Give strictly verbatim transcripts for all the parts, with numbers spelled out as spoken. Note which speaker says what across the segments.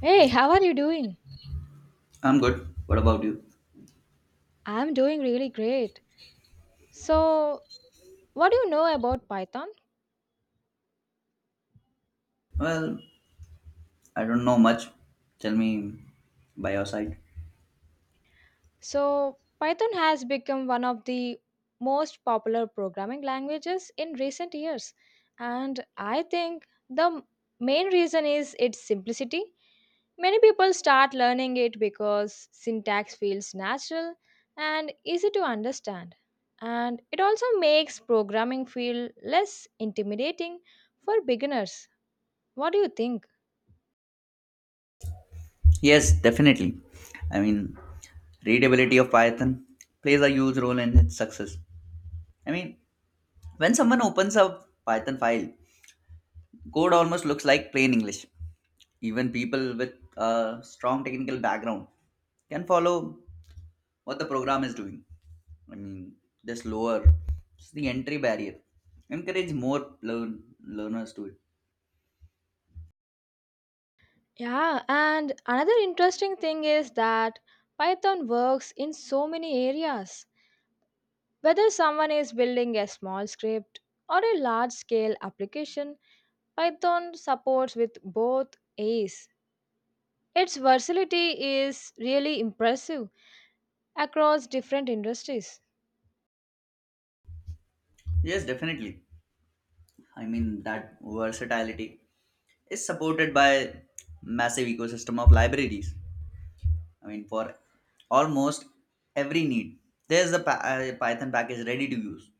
Speaker 1: Hey, how are you doing?
Speaker 2: I'm good. What about you?
Speaker 1: I'm doing really great. So, what do you know about Python?
Speaker 2: Well, I don't know much. Tell me by your side.
Speaker 1: So, Python has become one of the most popular programming languages in recent years. And I think the m- main reason is its simplicity. Many people start learning it because syntax feels natural and easy to understand. And it also makes programming feel less intimidating for beginners. What do you think?
Speaker 2: Yes, definitely. I mean, readability of Python plays a huge role in its success. I mean, when someone opens a Python file, code almost looks like plain English. Even people with a strong technical background can follow what the program is doing. I mean, this lower the entry barrier. Encourage more learn learners to it.
Speaker 1: Yeah, and another interesting thing is that Python works in so many areas. Whether someone is building a small script or a large scale application, Python supports with both A's. Its versatility is really impressive across different industries.
Speaker 2: Yes, definitely. I mean, that versatility is supported by massive ecosystem of libraries. I mean, for almost every need, there's a pa- uh, Python package ready to use.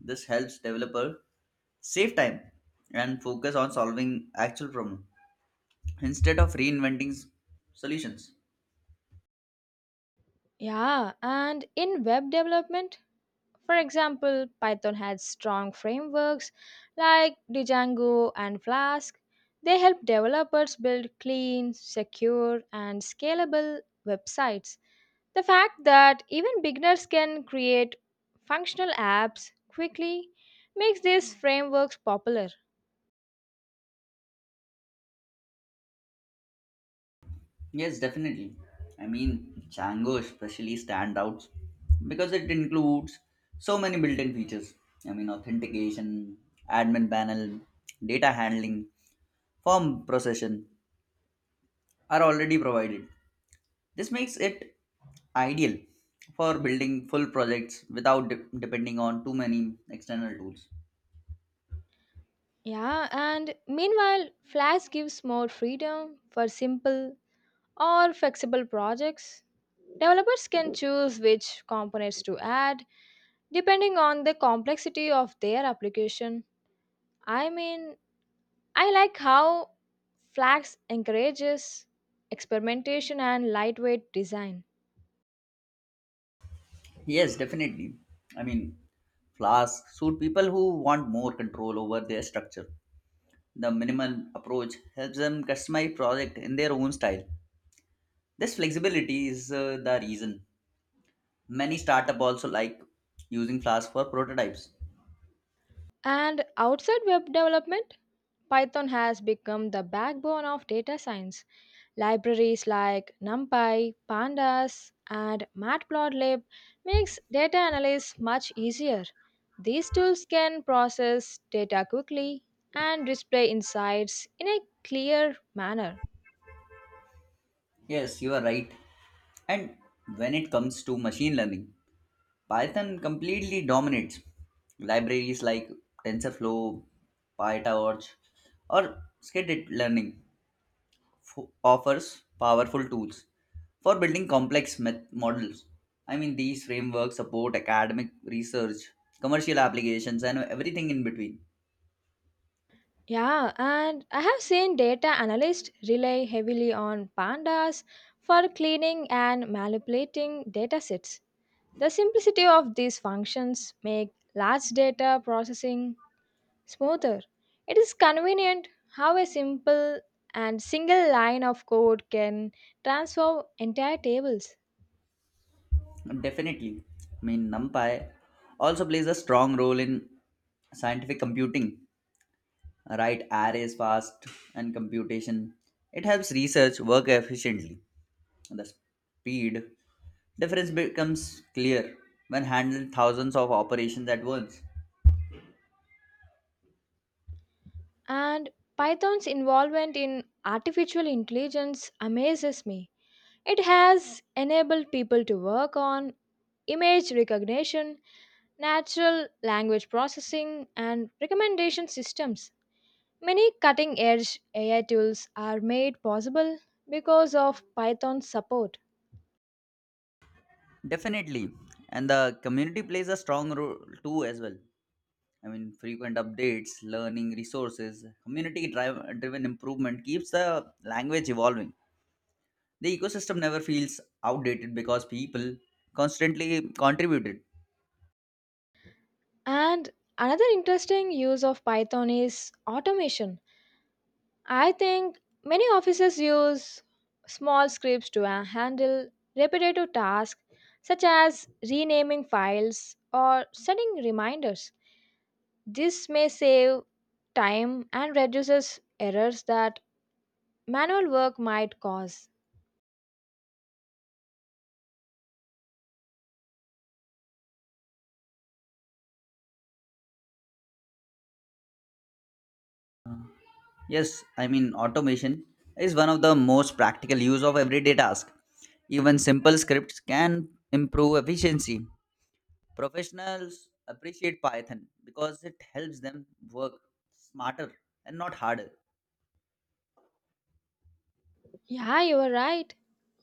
Speaker 2: This helps developer save time and focus on solving actual problem instead of reinventing s- solutions.
Speaker 1: Yeah, and in web development, for example, Python has strong frameworks like Django and Flask. They help developers build clean, secure, and scalable websites. The fact that even beginners can create functional apps quickly makes these frameworks popular.
Speaker 2: Yes, definitely. I mean, Django especially stand out because it includes so many built-in features. I mean, authentication, admin panel, data handling, form procession are already provided. This makes it ideal for building full projects without de- depending on too many external tools.
Speaker 1: Yeah, and meanwhile, Flask gives more freedom for simple, or flexible projects. Developers can choose which components to add depending on the complexity of their application. I mean, I like how Flax encourages experimentation and lightweight design.
Speaker 2: Yes, definitely. I mean, Flask suit people who want more control over their structure. The minimal approach helps them customize project in their own style. This flexibility is uh, the reason many startup also like using Flask for prototypes.
Speaker 1: And outside web development, Python has become the backbone of data science. Libraries like NumPy, Pandas, and Matplotlib makes data analysis much easier. These tools can process data quickly and display insights in a clear manner.
Speaker 2: Yes, you are right. And when it comes to machine learning, Python completely dominates. Libraries like TensorFlow, PyTorch, or scattered learning f- offers powerful tools for building complex met- models. I mean, these frameworks support academic research, commercial applications, and everything in between.
Speaker 1: Yeah, and I have seen data analysts rely heavily on pandas for cleaning and manipulating datasets. The simplicity of these functions make large data processing smoother. It is convenient how a simple and single line of code can transform entire tables.
Speaker 2: Definitely. I mean, NumPy also plays a strong role in scientific computing, right? Arrays fast and computation. It helps research work efficiently. The speed difference becomes clear when handling thousands of operations at once.
Speaker 1: And Python's involvement in artificial intelligence amazes me. It has enabled people to work on image recognition, natural language processing, and recommendation systems. Many cutting edge A I tools are made possible because of Python's support.
Speaker 2: Definitely. And the community plays a strong role too as well. I mean, frequent updates, learning resources, community drive, driven improvement keeps the language evolving. The ecosystem never feels outdated because people constantly contributed.
Speaker 1: And another interesting use of Python is automation. I think many offices use small scripts to uh, handle repetitive tasks such as renaming files or setting reminders. This may save time and reduces errors that manual work might cause.
Speaker 2: Yes, I mean, automation is one of the most practical use of everyday task. Even simple scripts can improve efficiency. Professionals appreciate Python because it helps them work smarter and not harder.
Speaker 1: Yeah, you are right.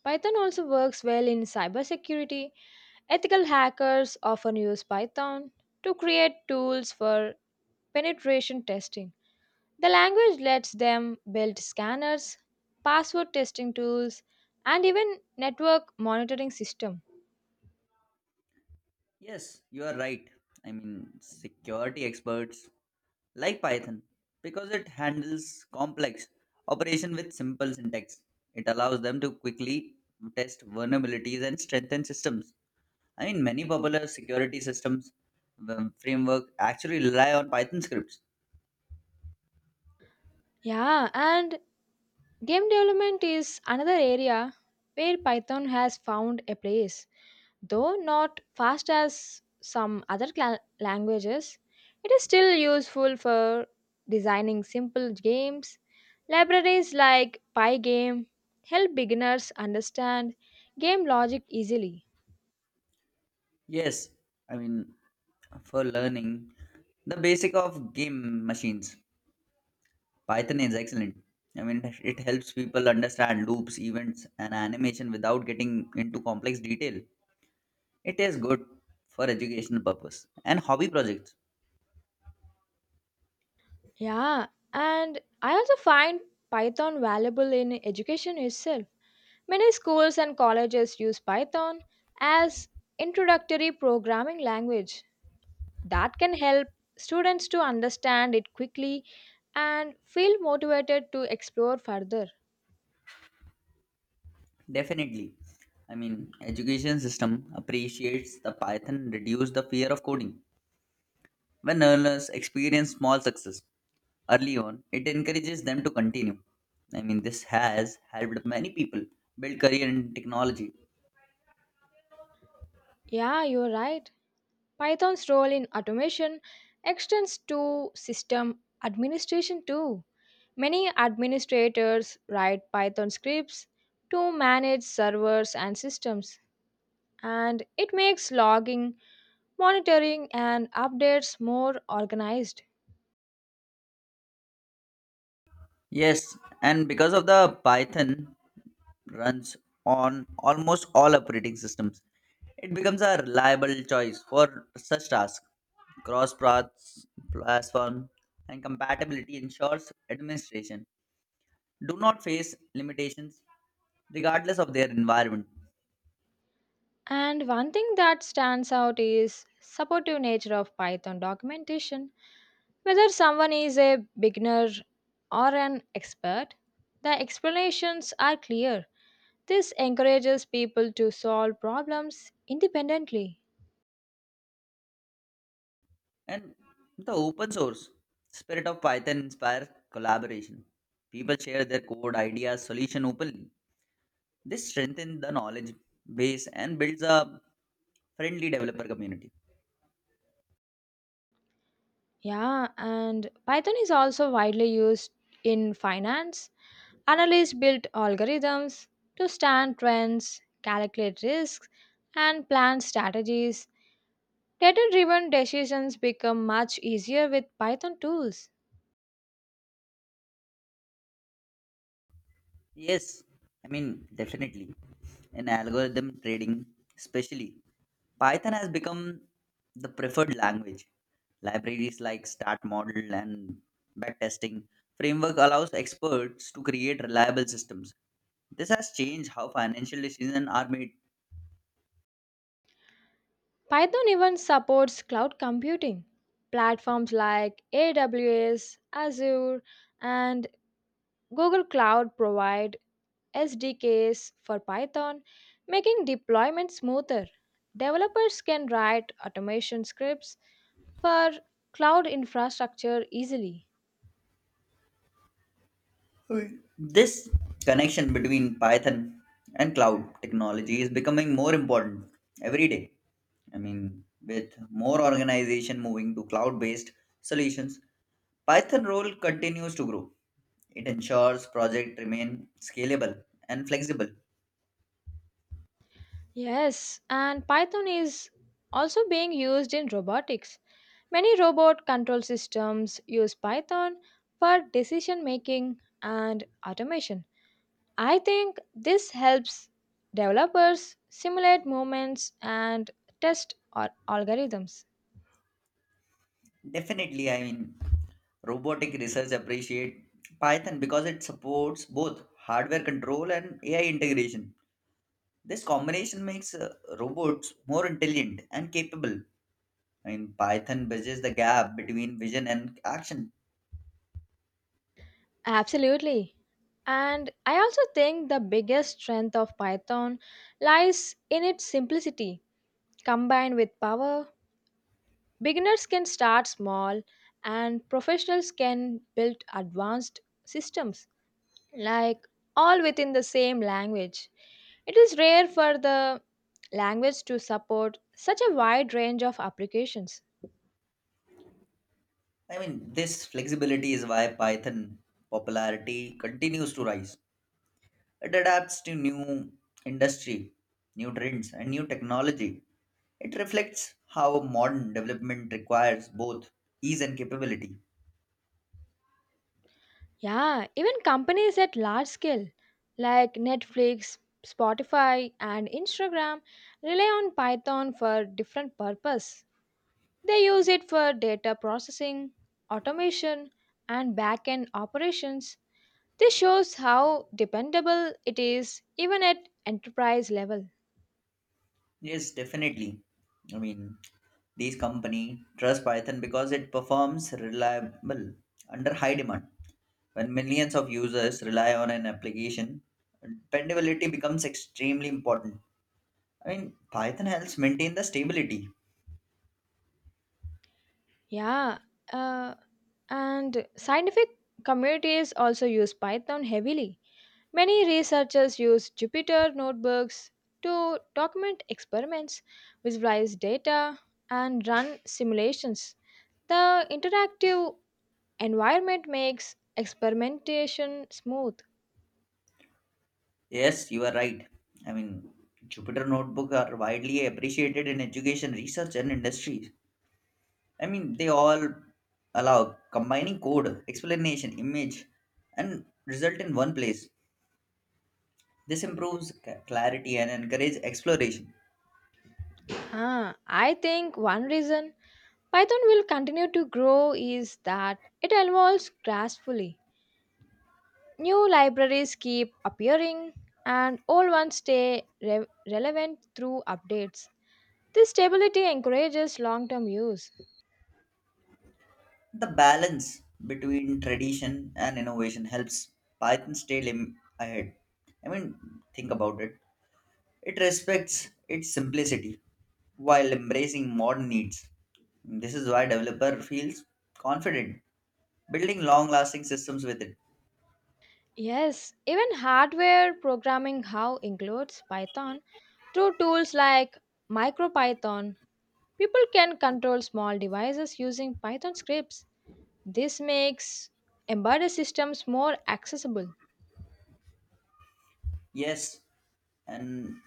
Speaker 1: Python also works well in cybersecurity. Ethical hackers often use Python to create tools for penetration testing. The language lets them build scanners, password testing tools, and even network monitoring system.
Speaker 2: Yes, you are right. I mean, security experts like Python because it handles complex operation with simple syntax. It allows them to quickly test vulnerabilities and strengthen systems. I mean, many popular security systems um, framework actually rely on Python scripts.
Speaker 1: Yeah, and game development is another area where Python has found a place. Though not fast as some other cla- languages, it is still useful for designing simple games. Libraries like Pygame help beginners understand game logic easily.
Speaker 2: Yes, I mean, for learning, the basic of game machines, Python is excellent. I mean, it it helps people understand loops, events, and animation without getting into complex detail. It is good for educational purpose and hobby projects.
Speaker 1: Yeah, and I also find Python valuable in education itself. Many schools and colleges use Python as introductory programming language. That can help students to understand it quickly and feel motivated to explore further.
Speaker 2: Definitely, I mean, education system appreciates the Python, reduce the fear of coding. When learners experience small success early on, it encourages them to continue. I mean, this has helped many people build career in technology.
Speaker 1: Yeah, you're right. Python's role in automation extends to system administration too. Many administrators write Python scripts to manage servers and systems, and it makes logging, monitoring, and updates more organized.
Speaker 2: Yes, and because of the Python runs on almost all operating systems, it becomes a reliable choice for such tasks. Cross paths, platform, and compatibility ensures administration do not face limitations regardless of their environment.
Speaker 1: And one thing that stands out is supportive nature of Python documentation. Whether someone is a beginner or an expert, the explanations are clear. This encourages people to solve problems independently.
Speaker 2: And the open source spirit of Python inspires collaboration. People share their code, ideas, solution openly. This strengthens the knowledge base and builds a friendly developer community.
Speaker 1: Yeah, and Python is also widely used in finance. Analysts build algorithms to stand trends, calculate risks, and plan strategies. Data driven decisions become much easier with Python tools.
Speaker 2: Yes, I mean, definitely. In algorithm trading, especially, Python has become the preferred language. Libraries like Start Model and backtesting framework allows experts to create reliable systems. This has changed how financial decisions are made.
Speaker 1: Python even supports cloud computing. Platforms like A W S, Azure, and Google Cloud provide S D Ks for Python, making deployment smoother. Developers can write automation scripts for cloud infrastructure easily.
Speaker 2: Okay. This connection between Python and cloud technology is becoming more important every day. I mean, with more organization moving to cloud-based solutions, Python role continues to grow. It ensures project remain scalable and flexible.
Speaker 1: Yes, and Python is also being used in robotics. Many robot control systems use Python for decision making and automation. I think this helps developers simulate movements and test al- algorithms.
Speaker 2: Definitely, I mean, robotic research appreciate Python because it supports both hardware control and A I integration. This combination makes uh, robots more intelligent and capable. I mean, Python bridges the gap between vision and action.
Speaker 1: Absolutely. And I also think the biggest strength of Python lies in its simplicity combined with power. Beginners can start small, and professionals can build advanced systems, like all within the same language. It is rare for the language to support such a wide range of applications.
Speaker 2: I mean, this flexibility is why Python popularity continues to rise. It adapts to new industry, new trends, and new technology. It reflects how modern development requires both ease and capability.
Speaker 1: Yeah, even companies at large scale like Netflix, Spotify, and Instagram rely on Python for different purpose. They use it for data processing, automation, and back-end operations. This shows how dependable it is even at enterprise level.
Speaker 2: Yes, definitely. I mean, these company trust Python because it performs reliable under high demand. When millions of users rely on an application, dependability becomes extremely important. I mean, Python helps maintain the stability.
Speaker 1: Yeah, uh, and scientific communities also use Python heavily. Many researchers use Jupyter notebooks to document experiments, visualize data, and run simulations. The interactive environment makes experimentation smooth.
Speaker 2: Yes, you are right. I mean, Jupyter Notebook are widely appreciated in education, research, and industries. I mean, they all allow combining code, explanation, image, and result in one place. This improves c- clarity and encourages exploration.
Speaker 1: Ah, I think one reason Python will continue to grow is that it evolves gracefully. New libraries keep appearing and old ones stay re- relevant through updates. This stability encourages long term use.
Speaker 2: The balance between tradition and innovation helps Python stay lim- ahead. I mean, think about it. It respects its simplicity while embracing modern needs. This is why developer feels confident building long-lasting systems with it.
Speaker 1: Yes, even hardware programming how includes Python through tools like MicroPython. People can control small devices using Python scripts. This makes embedded systems more accessible.
Speaker 2: Yes, and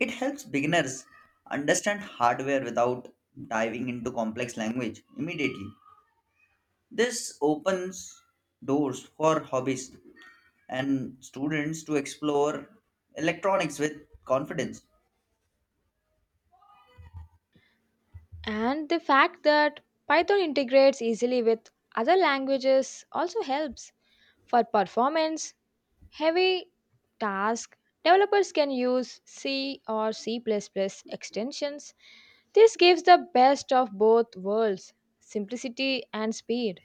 Speaker 2: it helps beginners understand hardware without diving into complex language immediately. This opens doors for hobbies and students to explore electronics with confidence.
Speaker 1: And the fact that Python integrates easily with other languages also helps. For performance heavy tasks, developers can use C or C extensions. This gives the best of both worlds simplicity and speed.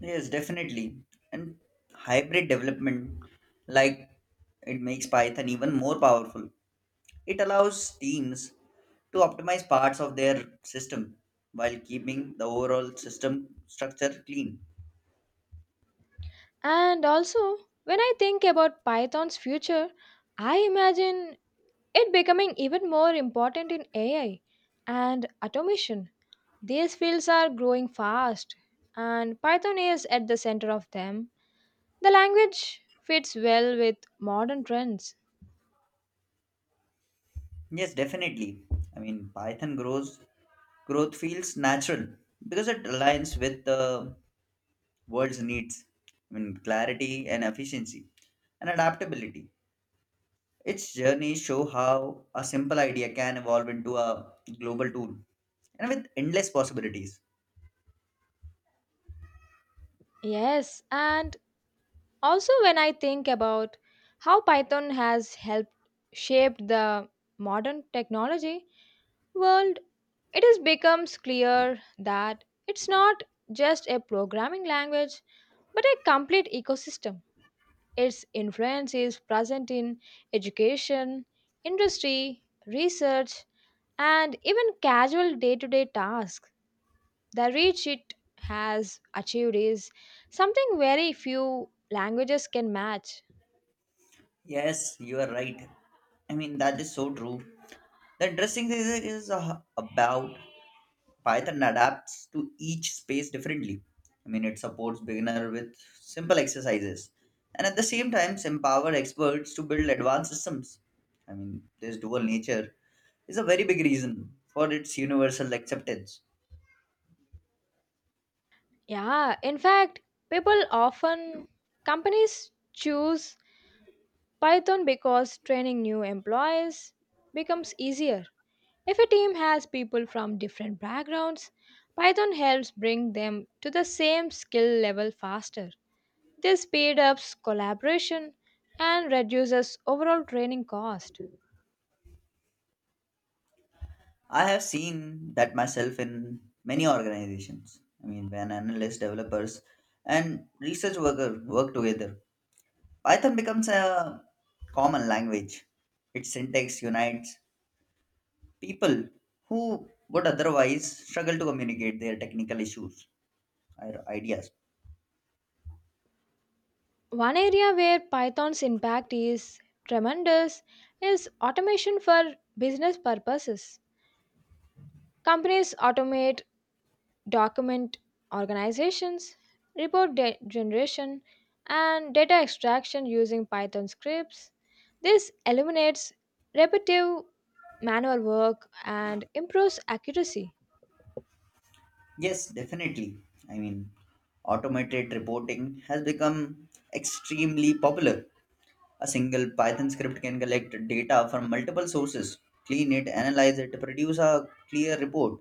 Speaker 2: Yes, definitely. And hybrid development, like, it makes Python even more powerful. It allows teams to optimize parts of their system while keeping the overall system structure clean.
Speaker 1: And also, when I think about Python's future, I imagine it becoming even more important in A I and automation. These fields are growing fast, and Python is at the center of them. The language fits well with modern trends.
Speaker 2: Yes, definitely. I mean, Python grows growth feels natural because it aligns with the world's needs. I mean, clarity and efficiency and adaptability. Its journeys show how a simple idea can evolve into a global tool and with endless possibilities.
Speaker 1: Yes, and also when I think about how Python has helped shape the modern technology world, it is becomes clear that it's not just a programming language but a complete ecosystem. Its influence is present in education, industry, research, and even casual day to day tasks. The reach it has achieved is something very few languages can match.
Speaker 2: Yes, you are right. I mean, that is so true. The interesting thing is is, uh, about Python adapts to each space differently. I mean, it supports beginner with simple exercises and at the same time empower experts to build advanced systems. I mean, this dual nature is a very big reason for its universal acceptance.
Speaker 1: Yeah, in fact, people often, companies choose Python because training new employees becomes easier. If a team has people from different backgrounds, Python helps bring them to the same skill level faster. This speed ups collaboration and reduces overall training cost.
Speaker 2: I have seen that myself in many organizations. I mean, when analysts, developers, and research worker work together, Python becomes a common language. Its syntax unites people who would otherwise struggle to communicate their technical issues or ideas.
Speaker 1: One area where Python's impact is tremendous is automation for business purposes. Companies automate document organizations, report de- generation, and data extraction using Python scripts. This eliminates repetitive manual work and improves accuracy.
Speaker 2: Yes, definitely. I mean, automated reporting has become extremely popular. A single Python script can collect data from multiple sources, clean it, analyze it, produce a clear report.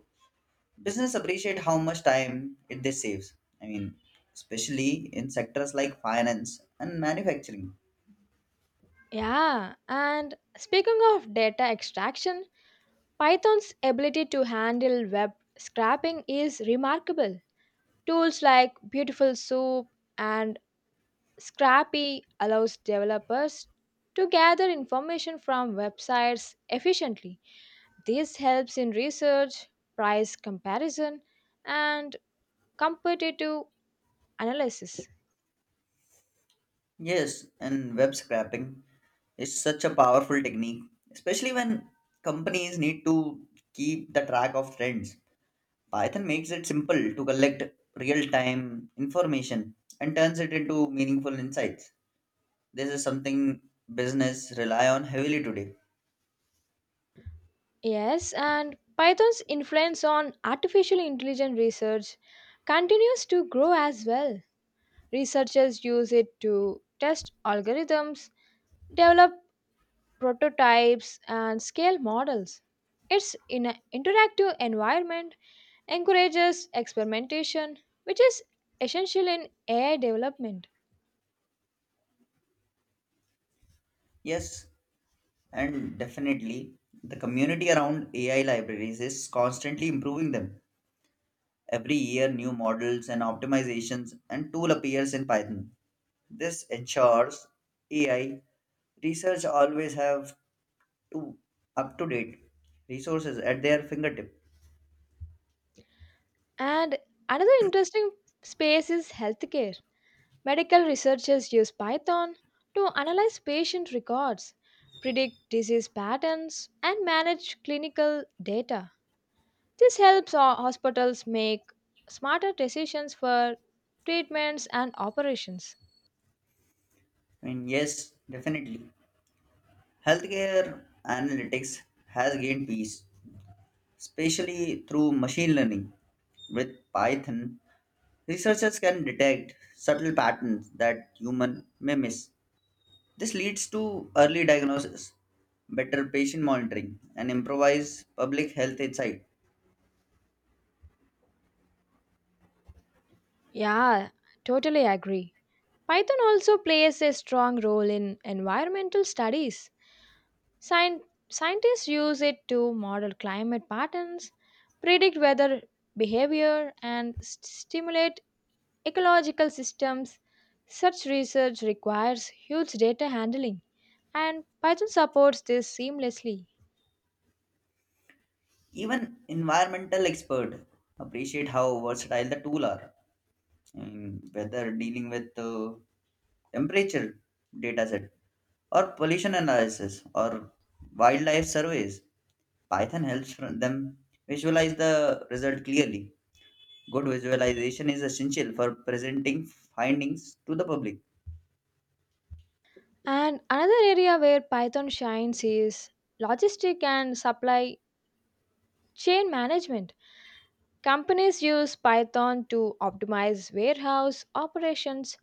Speaker 2: Business appreciate how much time it this saves. I mean, especially in sectors like finance and manufacturing.
Speaker 1: Yeah, and speaking of data extraction, Python's ability to handle web scraping is remarkable. Tools like Beautiful Soup and Scrappy allows developers to gather information from websites efficiently. This helps in research, price comparison, and competitive analysis.
Speaker 2: Yes, and web scraping is such a powerful technique, especially when companies need to keep the track of trends. Python makes it simple to collect real time information and turns it into meaningful insights. This is something business rely on heavily today.
Speaker 1: Yes, and Python's influence on artificial intelligence research continues to grow as well. Researchers use it to test algorithms, develop prototypes, and scale models. It's in an interactive environment encourages experimentation, which is essential in A I development.
Speaker 2: Yes, and definitely the community around A I libraries is constantly improving them. Every year new models and optimizations and tool appears in Python. This ensures A I research always have to up to date resources at their fingertip.
Speaker 1: And another interesting space is healthcare. Medical researchers use Python to analyze patient records, predict disease patterns, and manage clinical data. This helps our hospitals make smarter decisions for treatments and operations.
Speaker 2: I mean, yes, definitely. Healthcare analytics has gained peace, especially through machine learning. With Python, researchers can detect subtle patterns that human may miss. This leads to early diagnosis, better patient monitoring, and improvised public health insight.
Speaker 1: Yeah, totally agree. Python also plays a strong role in environmental studies. Scien- Scientists use it to model climate patterns, predict weather behavior, and st- stimulate ecological systems. Such research requires huge data handling, and Python supports this seamlessly.
Speaker 2: Even environmental expert appreciate how versatile the tool are, in whether dealing with uh, temperature data set or pollution analysis or wildlife surveys. Python helps from them visualize the result clearly. Good visualization is essential for presenting findings to the public.
Speaker 1: And another area where Python shines is logistic and supply chain management. Companies use Python to optimize warehouse operations,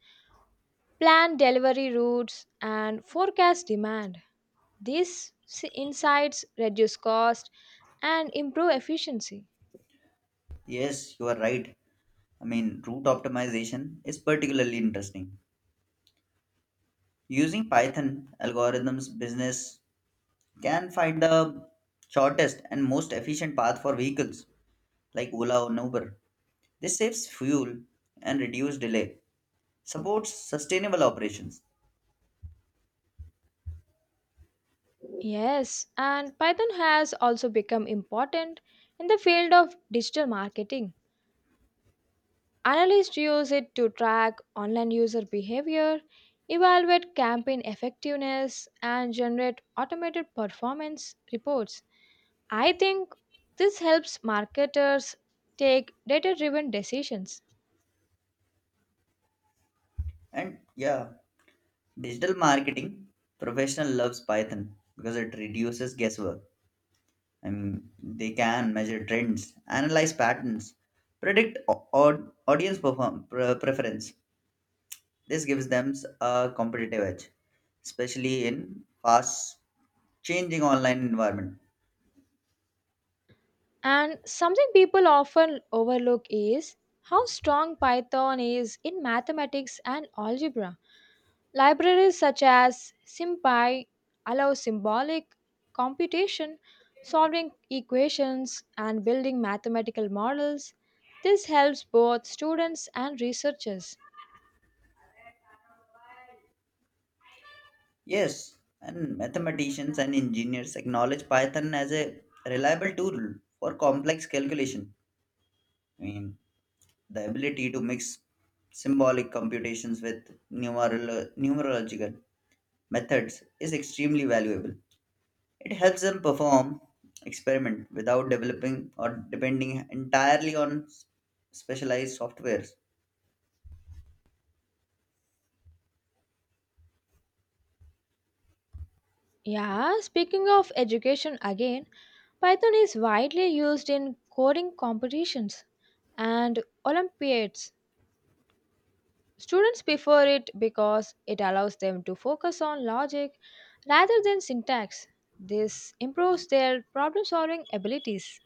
Speaker 1: plan delivery routes, and forecast demand. These s- insights reduce cost and improve efficiency.
Speaker 2: Yes, you are right. I mean, route optimization is particularly interesting. Using Python algorithms, business can find the shortest and most efficient path for vehicles like Ola or Uber. This saves fuel and reduces delay, supports sustainable operations.
Speaker 1: Yes, and Python has also become important in the field of digital marketing. Analysts use it to track online user behavior, evaluate campaign effectiveness, and generate automated performance reports. I think this helps marketers take data driven decisions.
Speaker 2: And yeah, digital marketing professional loves Python because it reduces guesswork. I mean, they can measure trends, analyze patterns, predict o- od- audience perform- pre- preference. This gives them a competitive edge, especially in fast changing online environment.
Speaker 1: And something people often overlook is how strong Python is in mathematics and algebra. Libraries such as SymPy allow symbolic computation, solving equations, and building mathematical models. This helps both students and researchers.
Speaker 2: Yes, and mathematicians and engineers acknowledge Python as a reliable tool for complex calculation. I mean, the ability to mix symbolic computations with numerolo- numerological methods is extremely valuable. It helps them perform experiment without developing or depending entirely on s- specialized softwares.
Speaker 1: Yeah, speaking of education again, Python is widely used in coding competitions and Olympiads. Students prefer it because it allows them to focus on logic rather than syntax. This improves their problem solving abilities.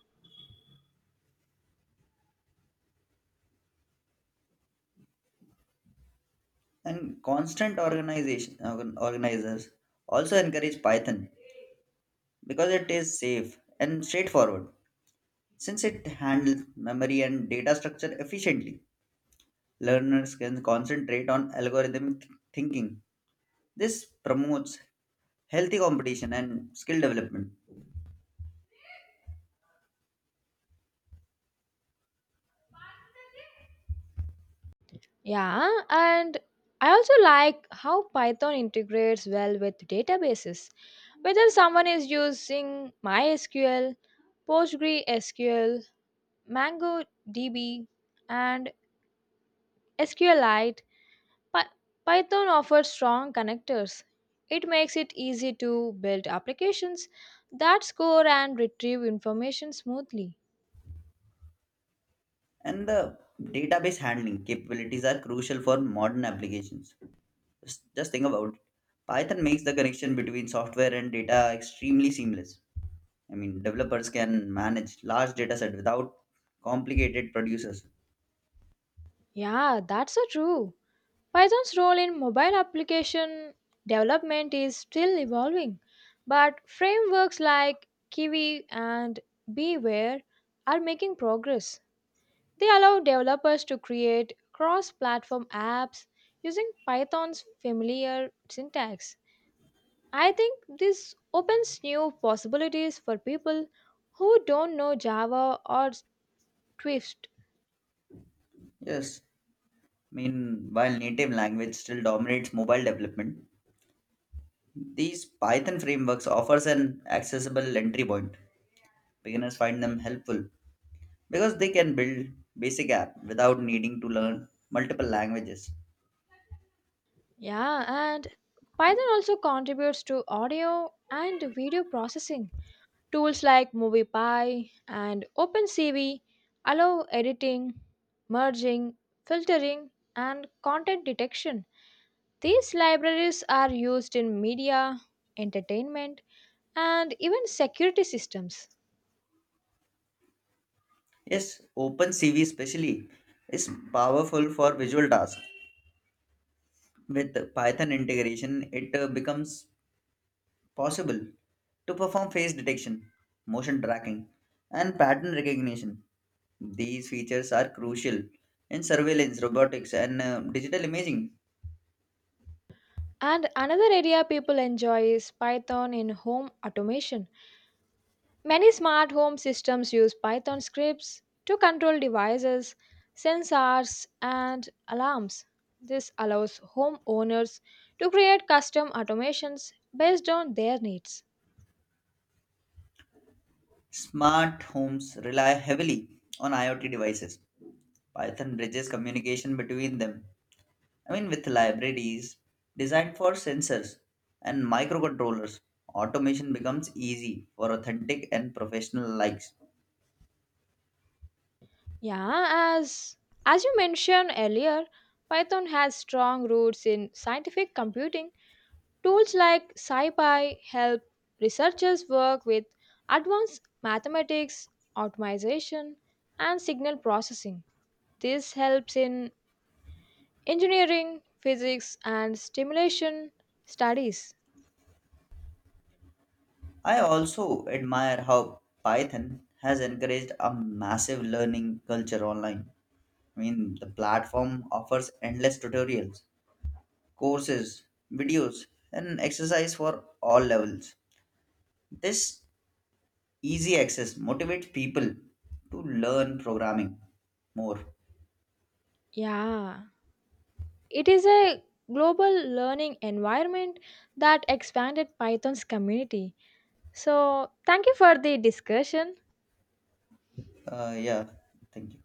Speaker 2: And constant organization organ- organizers also encourage Python because it is safe and straightforward. Since it handles memory and data structure efficiently, learners can concentrate on algorithmic thinking. This promotes healthy competition and skill development.
Speaker 1: Yeah, and I also like how Python integrates well with databases. Whether someone is using MySQL, PostgreSQL, MongoDB, and SQLite, Py- Python offers strong connectors. It makes it easy to build applications that score and retrieve information smoothly.
Speaker 2: And the database handling capabilities are crucial for modern applications. Just, just think about it. Python makes the connection between software and data extremely seamless. I mean, developers can manage large data set without complicated producers.
Speaker 1: Yeah, that's so true. Python's role in mobile application development is still evolving, but frameworks like Kiwi and Beware are making progress. They allow developers to create cross platform apps using Python's familiar syntax. I think this opens new possibilities for people who don't know Java or Swift.
Speaker 2: Yes, I mean, while native language still dominates mobile development, these Python frameworks offers an accessible entry point. Beginners find them helpful because they can build basic app without needing to learn multiple languages.
Speaker 1: Yeah, and Python also contributes to audio and video processing. Tools like MoviePy and OpenCV allow editing, merging, filtering, and content detection. These libraries are used in media, entertainment, and even security systems.
Speaker 2: Yes, OpenCV especially is powerful for visual tasks. With Python integration, it uh, becomes possible to perform face detection, motion tracking, and pattern recognition. These features are crucial in surveillance, robotics, and uh, digital imaging.
Speaker 1: And another area people enjoy is Python in home automation. Many smart home systems use Python scripts to control devices, sensors, and alarms. This allows homeowners to create custom automations based on their needs.
Speaker 2: Smart homes rely heavily on IoT devices. Python bridges communication between them. I mean, with libraries designed for sensors and microcontrollers, automation becomes easy for authentic and professional likes.
Speaker 1: Yeah, as as you mentioned earlier, Python has strong roots in scientific computing. Tools like SciPy help researchers work with advanced mathematics, automation, and signal processing. This helps in engineering, physics, and stimulation studies.
Speaker 2: I also admire how Python has encouraged a massive learning culture online. I mean, the platform offers endless tutorials, courses, videos, and exercise for all levels. This easy access motivates people to learn programming more.
Speaker 1: Yeah, it is a global learning environment that expanded Python's community. So, thank you for the discussion.
Speaker 2: Uh, yeah, thank you.